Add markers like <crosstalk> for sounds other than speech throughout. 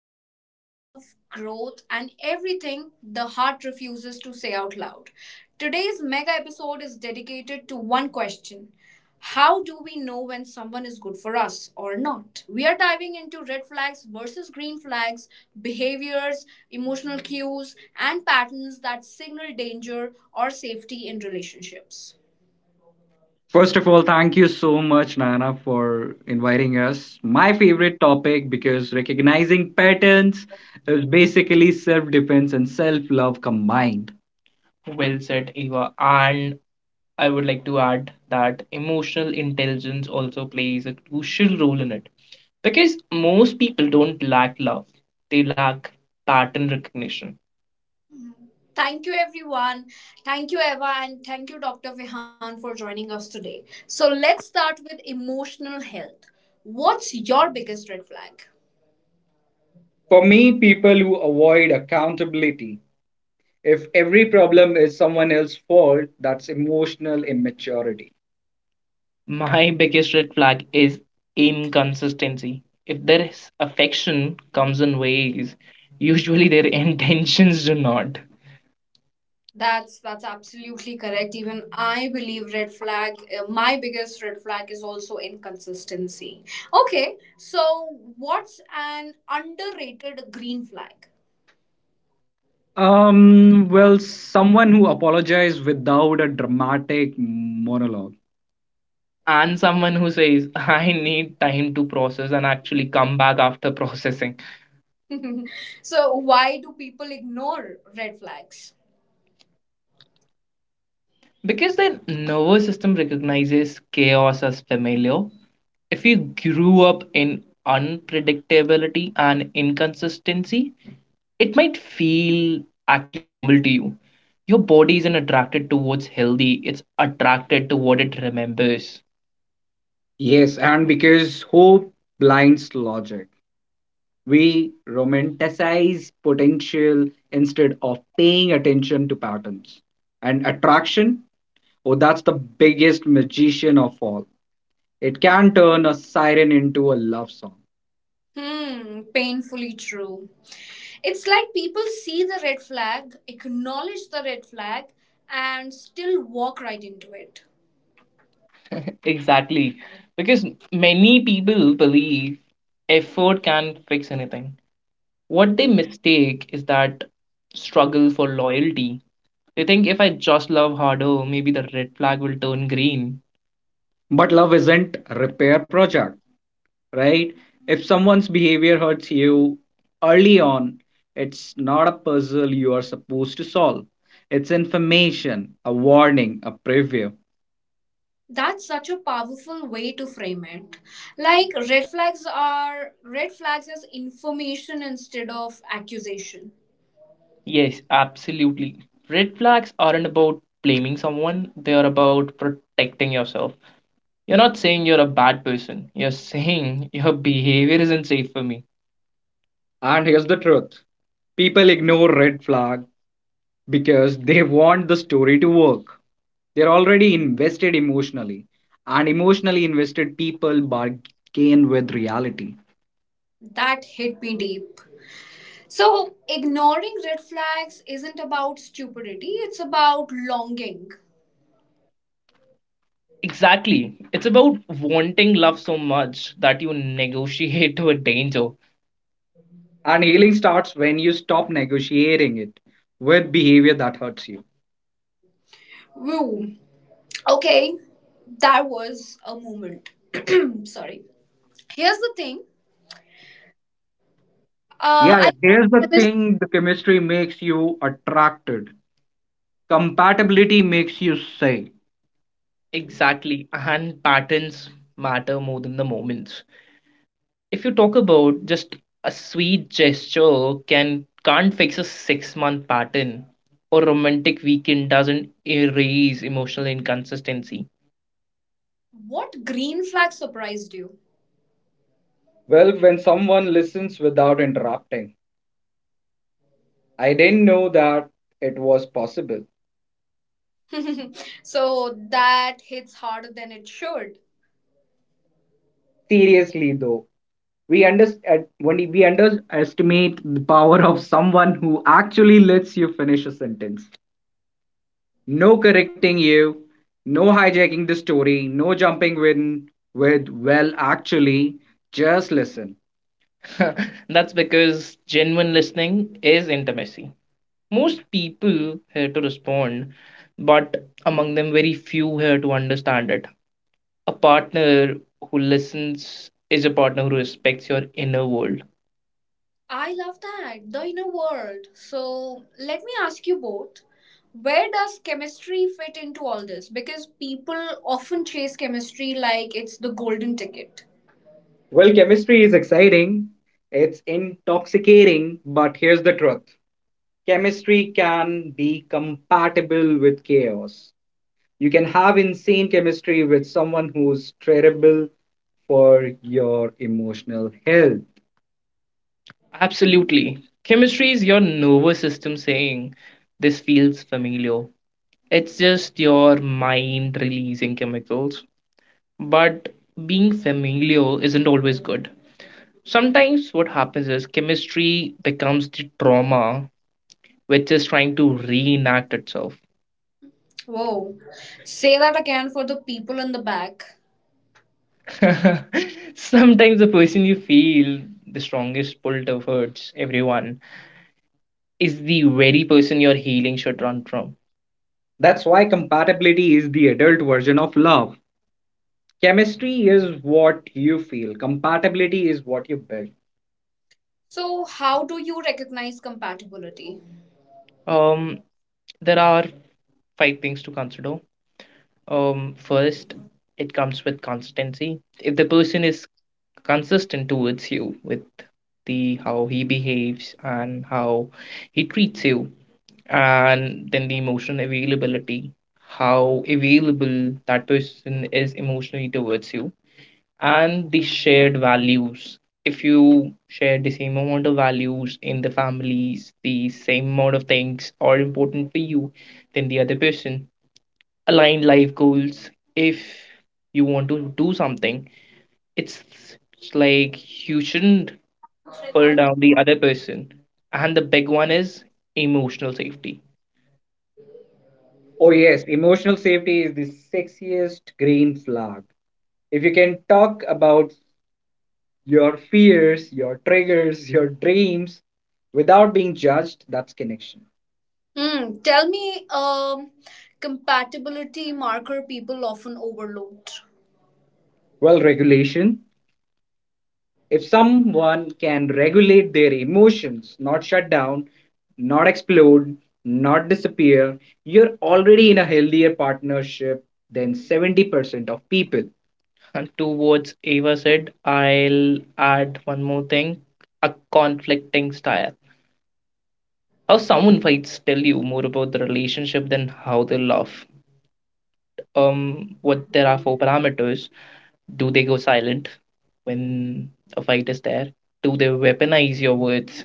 talk love, growth, and everything the heart refuses to say out loud. Today's mega episode is dedicated to one question: how do we know when someone is good for us or not? We are diving into red flags versus green flags, behaviors, emotional cues, and patterns that signal danger or safety in relationships. First of all, thank you so much, Nana, for inviting us. My favorite topic, because recognizing patterns is basically self defense and self love combined. Well said, Eva. And I would like to add that emotional intelligence also plays a crucial role in it. Because most people don't lack love, they lack pattern recognition. Mhm. Thank you, everyone. Thank you, Eva, and thank you, Dr. Vihan, for joining us today. So, let's start with emotional health. What's your biggest red flag? For me, people who avoid accountability, if every problem is someone else's fault, that's emotional immaturity. My biggest red flag is inconsistency. If there is affection comes in waves, usually their <laughs> intentions do not. That's absolutely correct. Even I believe red flag. My biggest red flag is also inconsistency. Okay, so what's an underrated green flag? Well, someone who apologizes without a dramatic monologue. And someone who says, I need time to process and actually come back after <laughs> processing. <laughs> So why do people ignore red flags? Because the nervous system recognizes chaos as familiar. If you grew up in unpredictability and inconsistency, it might feel actually normal to you. Your body isn't attracted towards healthy, it's attracted to what it remembers. Yes, and because hope blinds logic, we romanticize potential instead of paying attention to patterns. And attraction, oh, that's the biggest magician of all. It can turn a siren into a love song. Hmm, painfully true. It's like people see the red flag, acknowledge the red flag, and still walk right into it. <laughs> Exactly. Because many people believe effort can fix anything. What they mistake is that struggle for loyalty. They think if I just love harder, maybe the red flag will turn green. But love isn't a repair project. Right? If someone's behavior hurts you early on, it's not a puzzle you are supposed to solve. It's information, a warning, a preview. That's such a powerful way to frame it. Like red flags are red flags as information instead of accusation. Yes, absolutely. Red flags aren't about blaming someone, they are about protecting yourself. You're not saying you're a bad person, you're saying <laughs> your behavior isn't safe for me. And here's the truth, people ignore red flag because <laughs> they want the story to work. They're already invested emotionally, and emotionally invested people bargain with reality. That hit me deep. So, ignoring red flags isn't about stupidity, it's about longing. Exactly. It's about wanting love so much that you negotiate <laughs> with danger. And healing starts when you stop negotiating it with behavior that hurts you. Woo. Okay, that was a moment. <clears throat> Sorry. Here's the thing. Yeah, yeah. I Here's the missed thing, the chemistry makes you attracted, compatibility makes you say. Exactly. And patterns matter more than the moments. If you talk about, just a sweet gesture can't fix a 6 month pattern, or romantic weekend doesn't erase emotional inconsistency. what green flag surprised you. Well, when someone listens without interrupting, I didn't know that it was possible. <laughs> So that hits harder than it should. Seriously, though, we when we underestimate the power of someone who actually lets you finish a sentence. No correcting you, no hijacking the story, no jumping in with, well, actually, just listen. <laughs> That's because genuine listening is intimacy. Most people here to respond, but among them, very few here to understand it. A partner who listens is a partner who respects your inner world. I love that the inner world. So let me ask you both. Where does chemistry fit into all this? Because people often chase chemistry like it's the golden ticket. Well, chemistry is exciting, it's intoxicating, but here's the truth, chemistry can be compatible with chaos. You can have insane chemistry with someone who's terrible for your emotional health. Absolutely. Chemistry is your nervous system saying, this feels familiar. It's just your mind releasing chemicals. But being familiar isn't always good. Sometimes what happens is chemistry becomes the trauma which is trying to reenact itself. Whoa. Say that again for the people in the back. <laughs> Sometimes the person you feel the strongest pull towards everyone is the very person your healing should run from. That's why compatibility is the adult version of love. Chemistry is what you feel, compatibility is what you build. So, how do you recognize compatibility? Um, there are five things to consider. First, it comes with consistency. If the person is consistent towards you with the how he behaves and how he treats you, and then the emotional availability, how available that person is emotionally towards you, and the shared values, if you share the same amount of values in the families, the same amount of things are important for you than the other person, aligned life goals, if you want to do something it's like you shouldn't pull down the other person. And the big one is emotional safety. Oh, yes, emotional safety is the sexiest green flag. If you can talk about your fears, your triggers, your dreams without being judged, that's connection. Hmm. Tell me, compatibility marker people often overlooked. Well, regulation. If someone can regulate their emotions, not shut down, not explode, not disappear, you're already in a healthier partnership than 70% of people. And two words Ava said, I'll add one more thing, a conflicting style. How someone fights tell you more about the relationship than how they love. What there are four parameters. Do they go silent when a fight is there? Do they weaponize your words?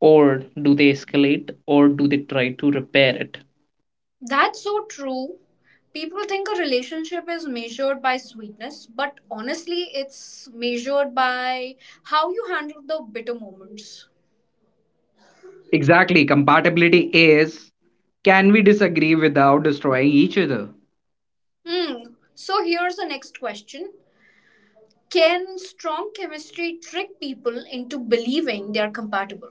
Or do they escalate, or do they try to repair it? That's so true. People think a relationship is measured by sweetness, but honestly, it's measured by how you handle the bitter moments. Exactly. Compatibility is, can we disagree without destroying each other? Hmm. So here's the next question: can strong chemistry trick people into believing they are compatible?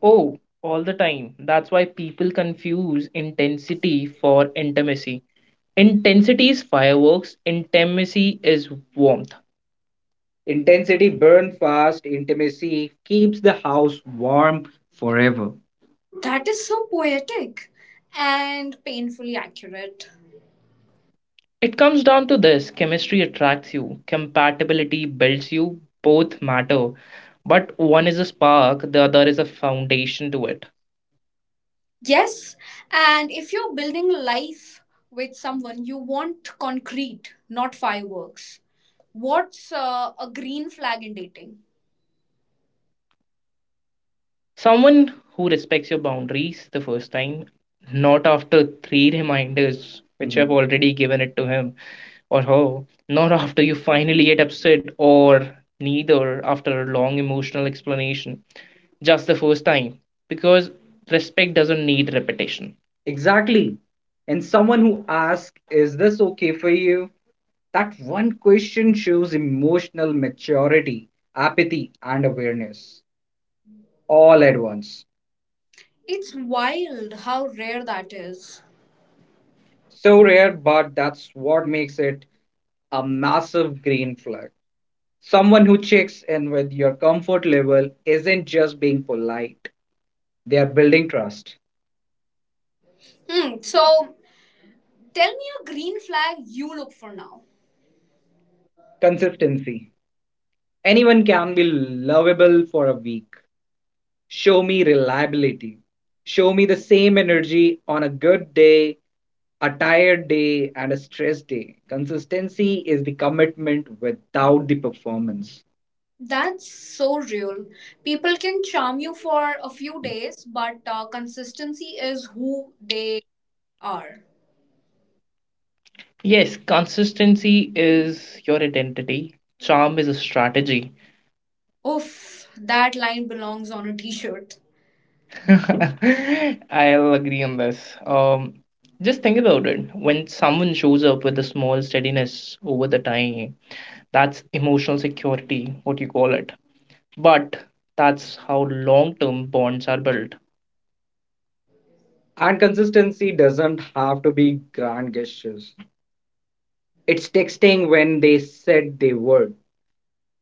Oh, all the time. That's why people confuse intensity for intimacy. Intensity is fireworks, intimacy is warmth. Intensity burns fast, intimacy keeps the house warm forever. That is so poetic and painfully accurate. It comes down to this, chemistry attracts you, compatibility builds you, both matter. But one is a spark, the other is a foundation to it. Yes, and if you're building life with someone, you want concrete, not fireworks. What's a green flag in dating? Someone who respects your boundaries the first time, not after three reminders, which you have Mhm. already given it to him or her, not after you finally get upset, or neither after a long emotional explanation. Just the first time, because respect doesn't need repetition. Exactly. And someone who asks, is this okay for you? That one question shows emotional maturity, apathy, and awareness all at once. It's wild how rare that is. So rare, but that's what makes it a massive green flag. Someone who checks in with your comfort level isn't just being polite, they are building trust, Hmm, so tell me a green flag you look for now. consistency. Anyone can be lovable for a week, show me reliability. Show me the same energy on a good day, a tired day, and a stress day. Consistency is the commitment without the performance. That's so real. People can charm you for a few days, but consistency is who they are. Yes, consistency is your identity. Charm is a strategy. Oof, that line belongs on a t shirt. <laughs> I'll agree on this. Um, just think about it. When someone shows up with a small steadiness over the time, that's emotional security, what you call it. But that's how long term bonds are built. And consistency doesn't have to be grand gestures. It's texting when they said they would,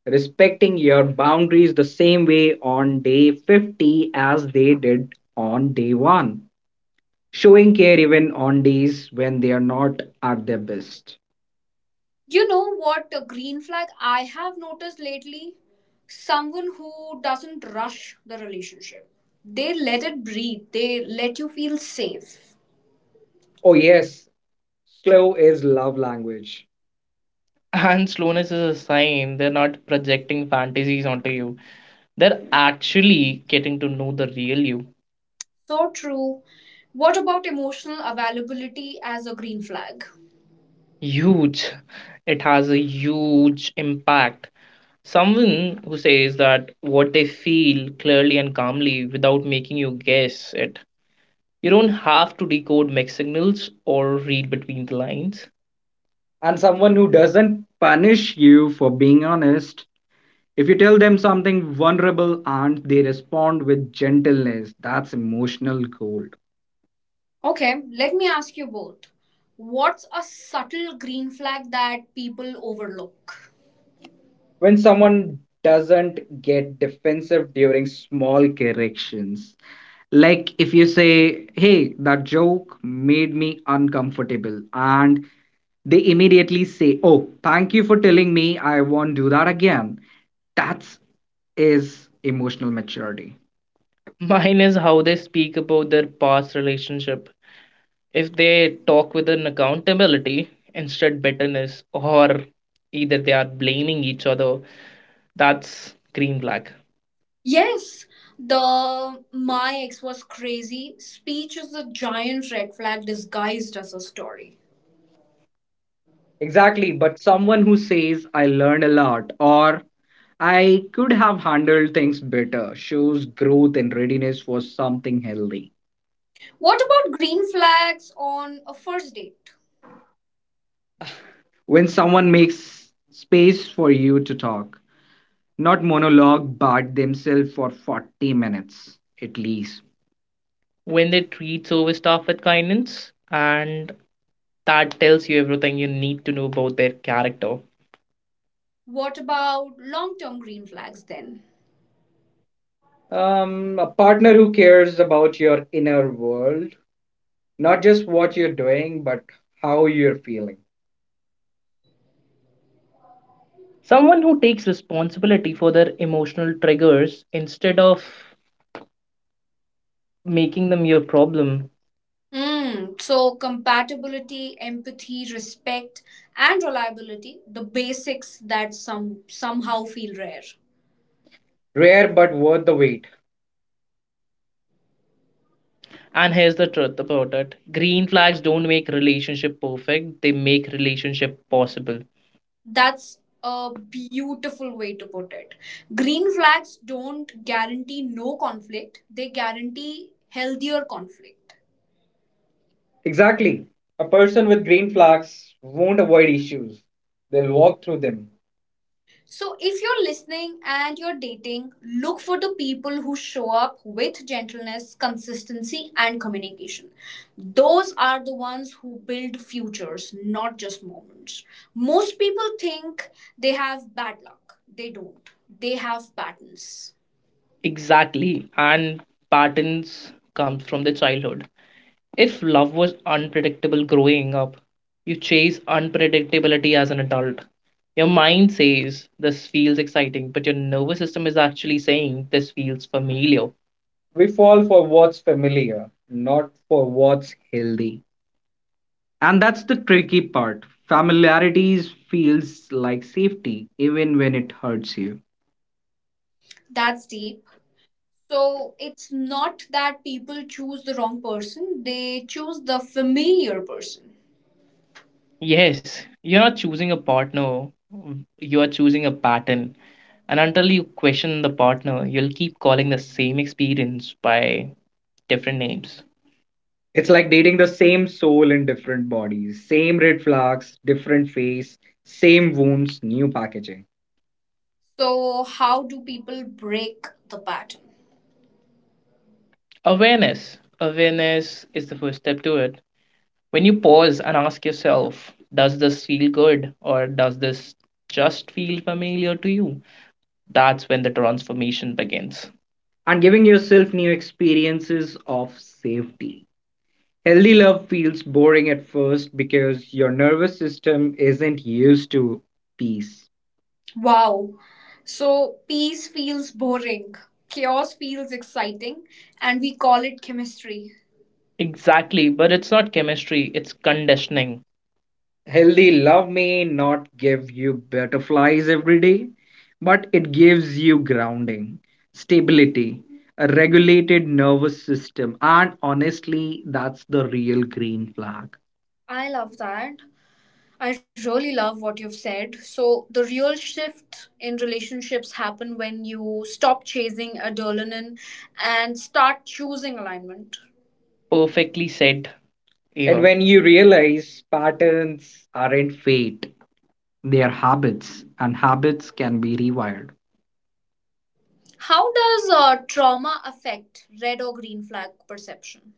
respecting your boundaries the same way on day 50 as they did on day 1, showing care even on days when they are not at their best. You know what a green flag I have noticed lately? Someone who doesn't rush the relationship. They let it breathe, they let you feel safe. Oh, yes, slow is love language. <laughs> And slowness is a sign they're not projecting fantasies onto you. They're actually getting to know the real you. So true. What about emotional availability as a green flag? Huge, it has a huge impact. Someone who says that what they feel clearly and calmly without making you guess it. You don't have to decode mixed signals or read between the lines. And someone who doesn't punish you for being honest. If you tell them something vulnerable and they respond with gentleness, that's emotional gold. Okay, let me ask you both. What's a subtle green flag that people overlook? When someone doesn't get defensive during small corrections, like if you say, hey, that joke made me uncomfortable, and they immediately say, oh, thank you for telling me, I won't do that again, that's is emotional maturity. Mine is how they speak about their past relationship. If they talk with an accountability instead bitterness, or either they are blaming each other, that's green flag. Yes, the my ex was crazy speech is a giant red flag disguised as a story. Exactly, but someone who says, I learned a lot, or I could have handled things better, shows growth and readiness for something healthy. What about green flags on a first date? When someone makes space for you to talk, not monologue, but themselves for 40 minutes at least. When they treat service staff with kindness, and that tells you everything you need to know about their character. What about long term green flags then? Um, a partner who cares about your inner world, not just what you're doing, but how you're feeling. Someone who takes responsibility for their emotional triggers instead of making them your problem. Mm, so, compatibility, empathy, respect, and reliability the basics that somehow feel rare. Rare but worth the wait. And here's the truth about it, green flags don't make relationship perfect, they make relationship possible. That's a beautiful way to put it. Green flags don't guarantee no conflict, they guarantee healthier conflict. Exactly. A person with green flags won't avoid issues. They'll walk through them. So, if you're listening and you're dating, look for the people who show up with gentleness, consistency, and communication. Those are the ones who build futures, not just moments. Most people think they have bad luck, they don't. They have patterns. Exactly. And patterns comes from the childhood. If love was unpredictable growing up, you chase unpredictability as an adult. Your mind says this feels exciting, but your nervous system is actually saying this feels familiar. We fall for what's familiar, not for what's healthy. And that's the tricky part. Familiarities feels like safety, even when it hurts you. That's deep. So it's not that people choose the wrong person, they choose the familiar person. Yes, you're not choosing a partner, you are choosing a pattern. And until you question the partner, you'll keep calling the same experience by different names. It's like dating the same soul in different bodies, same red flags, different face, same wounds, new packaging. So, how do people break the pattern? Awareness. Awareness is the first step to it. When you pause and ask yourself, does this feel good, or does this just feel familiar to you? That's when the transformation begins. And giving yourself new experiences of safety. Healthy love feels boring at first because your nervous system isn't used to peace. Wow. So, peace feels boring, chaos feels exciting, and we call it chemistry. Exactly, but it's not chemistry, it's conditioning. Healthy love may not give you butterflies every day, but it gives you grounding, stability, a regulated nervous system, and honestly, that's the real green flag. I love that. I really love what you've said. So, the real shift in relationships happen when you stop chasing adrenaline and start choosing alignment. Perfectly said, And Eva. When you realize patterns aren't fate, they are habits, and habits can be rewired. How does trauma affect red or green flag perception?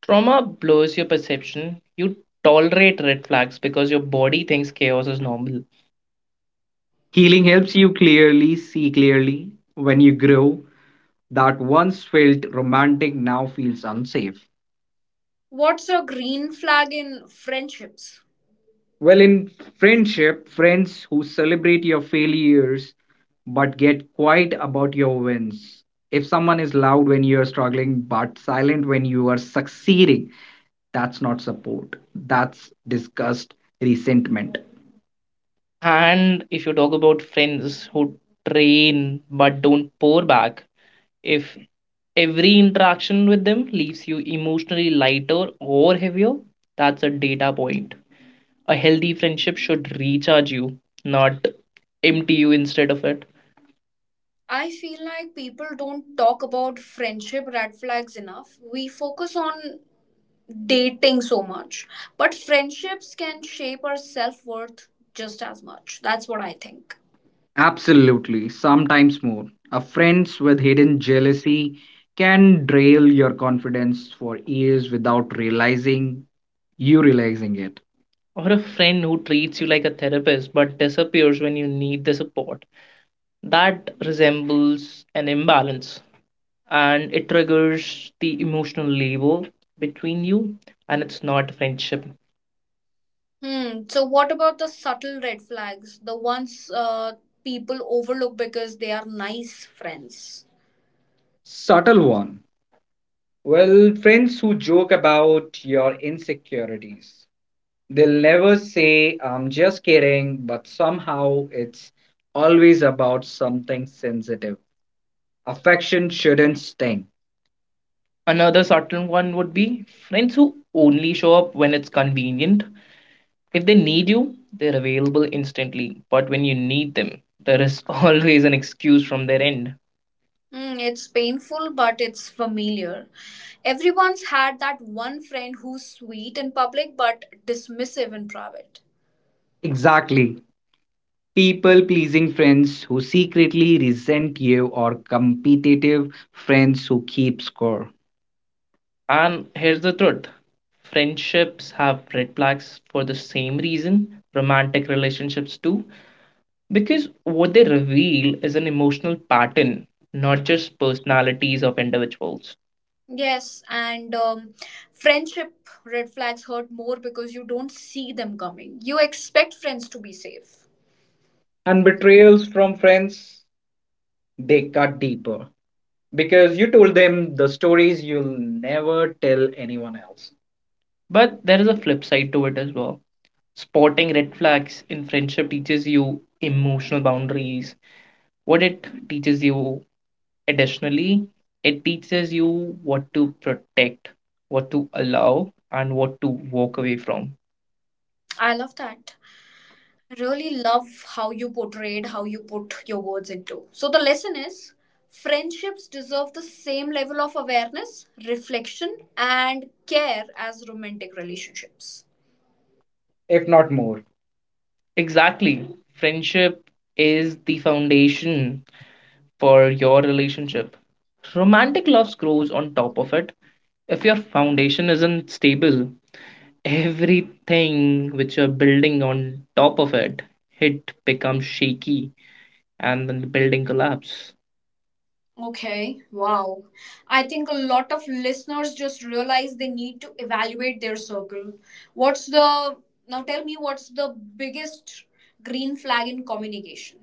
Trauma blurs your perception. You tolerate red flags because your body thinks chaos is normal. Healing helps you clearly see clearly when you grow that once felt romantic now feels unsafe. What's a green flag in friendships? Well, in friendship, friends who celebrate your failures but get quiet about your wins. If someone is loud when you are struggling but silent when you are succeeding, that's not support. That's disgust, resentment. And if you talk about friends who train but don't pour back, if every interaction with them leaves you emotionally lighter or heavier, that's a data point. A healthy friendship should recharge you, not empty you instead of it. I feel like people don't talk about friendship red flags enough. We focus on dating so much, but friendships can shape our self worth just as much. That's what I think. Absolutely, sometimes more. A friends with hidden jealousy can derail your confidence for years without realizing you realizing it. Or a friend who treats you like a therapist but disappears when you need the support. That resembles an imbalance and it triggers the emotional label between you, and it's not friendship. Hmm. So, what about the subtle red flags? The ones people overlook because they are nice friends? Subtle one. Well, friends who joke about your insecurities. They'll never say, I'm just kidding, but somehow it's always about something sensitive. Affection shouldn't sting. Another subtle one would be friends who only show up when it's convenient. If they need you, they're available instantly. But when you need them, there is <laughs> always an excuse from their end. Mm, it's painful, but it's familiar. Everyone's had that one friend who's sweet in public but dismissive in private. Exactly. People pleasing friends who secretly resent you, or competitive friends who keep score. And here's the truth: friendships have red flags for the same reason romantic relationships do, because what they reveal is an emotional pattern, not just personalities of individuals. Yes, and friendship red flags hurt more because you don't see them coming. You expect friends to be safe. And betrayals from friends, they cut deeper because you told them the stories you'll never tell anyone else. But there is a flip side to it as well. Spotting red flags in friendship teaches you emotional boundaries. What it teaches you additionally, it teaches you what to protect, what to allow, and what to walk away from, I love that. Really love how you portrayed, how you put your words into. So the lesson is friendships deserve the same level of awareness, reflection, and care as romantic relationships. if not more. Exactly. Friendship is the foundation for your relationship. Romantic love grows on top of it. If your foundation isn't stable, everything which you're building on top of it, it becomes shaky and then the building collapses. Okay, wow. I think a lot of listeners just realize they need to evaluate their circle. What's the now tell me what's the biggest green flag in communication?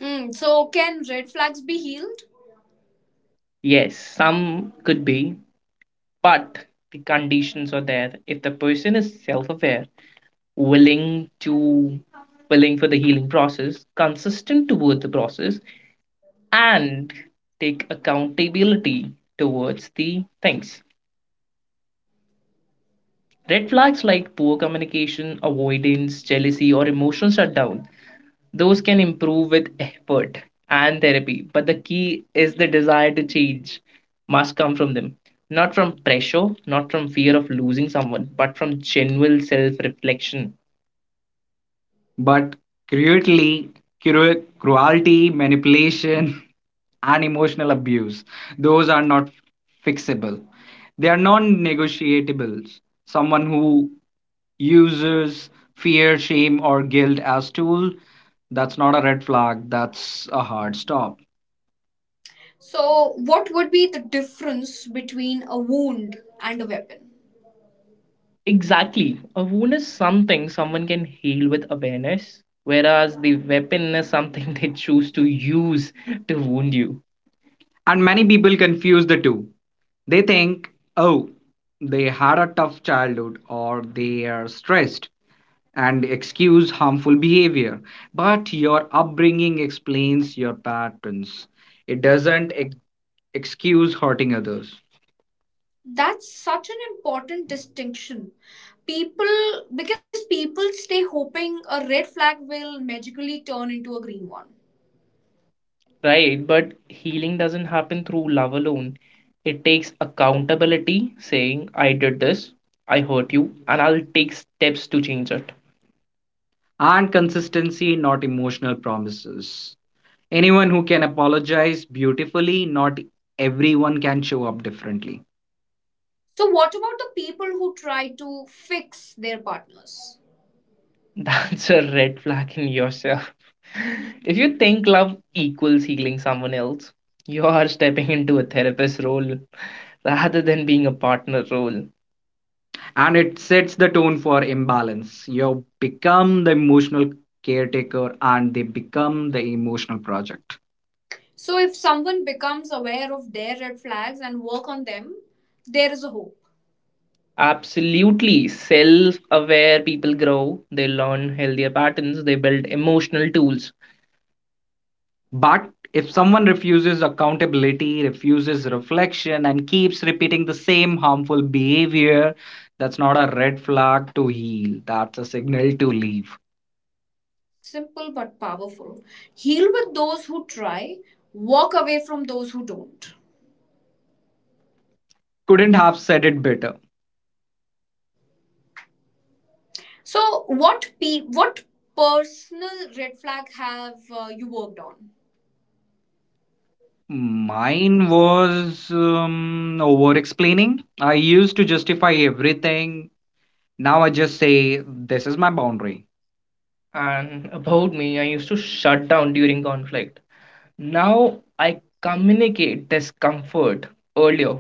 Hmm, so can red flags be healed? Yes, some could be, but the conditions are there. If the person is self-aware, willing to willing for the healing process, consistent toward the process, and take accountability towards the things. Red flags like poor communication, avoidance, jealousy, or emotional shutdown, those can improve with effort and therapy. The key is the desire to change must come from them, not from pressure, not from fear of losing someone, but from genuine self reflection. But cruelty, cruelty, manipulation, <laughs> and emotional abuse, those are not fixable. They are non negotiables. Someone who uses fear, shame, or guilt as tool, that's not a red flag, that's a hard stop. So what would be the difference between a wound and a weapon? Exactly. A wound is something someone can heal with awareness, whereas the weapon is something <laughs> they choose to use to wound you. And many people confuse the two. They think, oh, they had a tough childhood or they are stressed, and excuse harmful behavior. But your upbringing explains your patterns, it doesn't excuse hurting others. That's such an important distinction. People because people stay hoping a red flag will magically turn into a green one. Right, but healing doesn't happen through love alone. It takes accountability, saying, I did this, I hurt you, and I'll take steps to change it, and consistency, not emotional promises. Anyone who can apologize beautifully, not everyone can show up differently. So, what about the people who try to fix their partners? <laughs> That's a red flag in yourself. <laughs> If you think love equals healing someone else, you are stepping into a therapist role rather than being a partner role, and it sets the tone for imbalance. You become the emotional caretaker and they become the emotional project. So, if someone becomes aware of their red flags and work on them, there is a hope. Absolutely. Self aware people grow, they learn healthier patterns, they build emotional tools. But if someone refuses accountability, refuses reflection, and keeps repeating the same harmful behavior, that's not a red flag to heal. That's a signal to leave. Simple but powerful. Heal with those who try, walk away from those who don't. Couldn't have said it better. So, what personal red flag have you worked on? Mine was over explaining. I used to justify everything. Now I just say, this is my boundary. And about me, I used to shut down during conflict. Now I communicate discomfort earlier.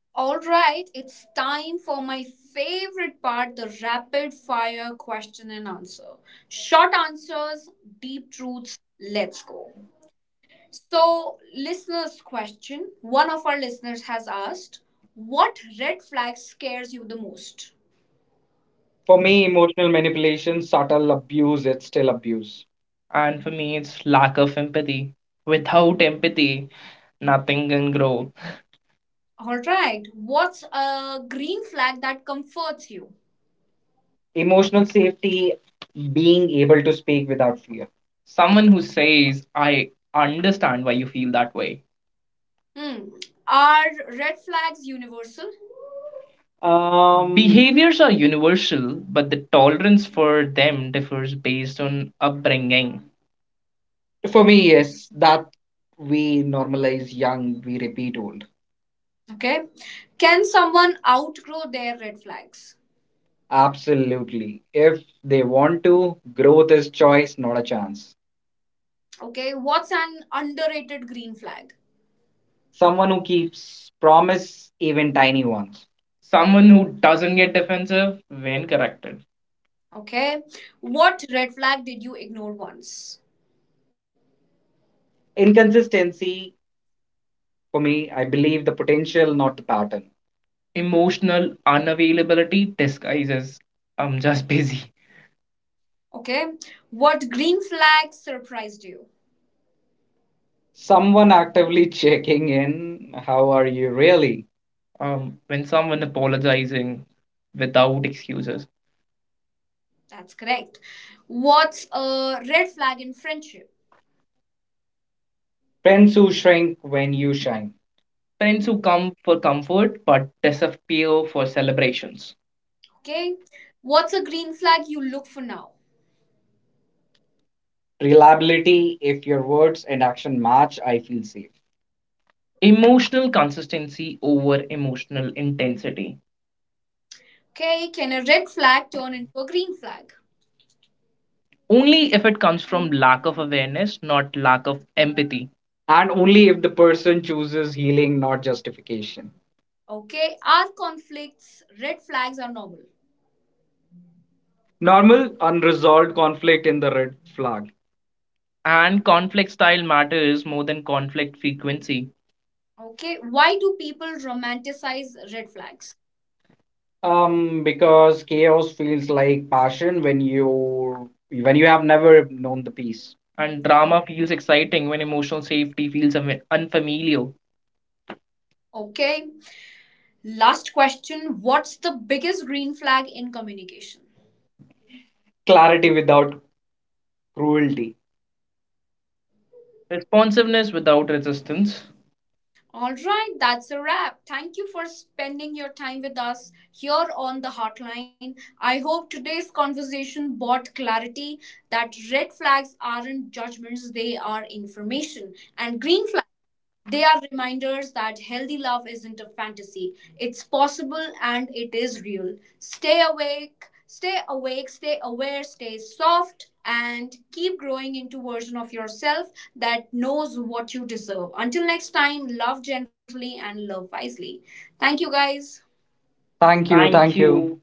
Alright, it's time for my favorite part: the rapid fire question and answer. Short answers, deep truths. Let's go. So, listeners' question: one of our listeners has asked, what red flag scares you the most? For me, emotional manipulation, subtle abuse, it's still abuse. And for me, it's lack of empathy. Without empathy, nothing can grow. Alright, what's a green flag that comforts you? Emotional safety, being able to speak without fear. Someone who says, I understand why you feel that way. Hmm, are red flags universal? Behaviors are universal, but the tolerance for them differs based on upbringing. For me, yes, that we normalize young, we repeat old. Okay, can someone outgrow their red flags? Absolutely, if they want to. Growth is choice, not a chance. Okay, what's an underrated green flag? Someone who keeps promise, even tiny ones. Someone who doesn't get defensive when corrected. Okay, what red flag did you ignore once? Inconsistency, for me, I believe the potential, not the pattern. Emotional unavailability disguises I'm just busy. Okay, what green flag surprised you? Someone actively <laughs> checking in, how are you really? When someone apologizing without excuses. That's correct. What's a red flag in friendship? Friends who shrink when you shine. Friends who come for comfort but disappear for celebrations. Okay, what's a green flag you look for now? Reliability, if your words and action match, I feel safe. Emotional consistency over emotional intensity. Okay, can a red flag turn into a green flag? Only if it comes from lack of awareness, not lack of empathy. And only if the person chooses healing, not justification. Okay, are conflicts red flags are normal? Normal, unresolved conflict in the red flag. And conflict style matters more than conflict frequency. Okay, why do people romanticize red flags? Because chaos feels like passion when you have never known the peace. And drama feels exciting when emotional safety feels unfamiliar. Okay, last question: what's the biggest green flag in communication? Clarity without cruelty. Responsiveness without resistance. All right, that's a wrap. Thank you for spending your time with us here on the Hotline. I hope today's conversation brought clarity that red flags aren't judgments, they are information, and green flags, they are reminders that healthy love isn't a fantasy. It's possible and it is real. Stay awake, stay aware, stay soft, and keep growing into version of yourself that knows what you deserve. Until next time, love gently and love wisely. Thank you guys. Thank you. Thank you.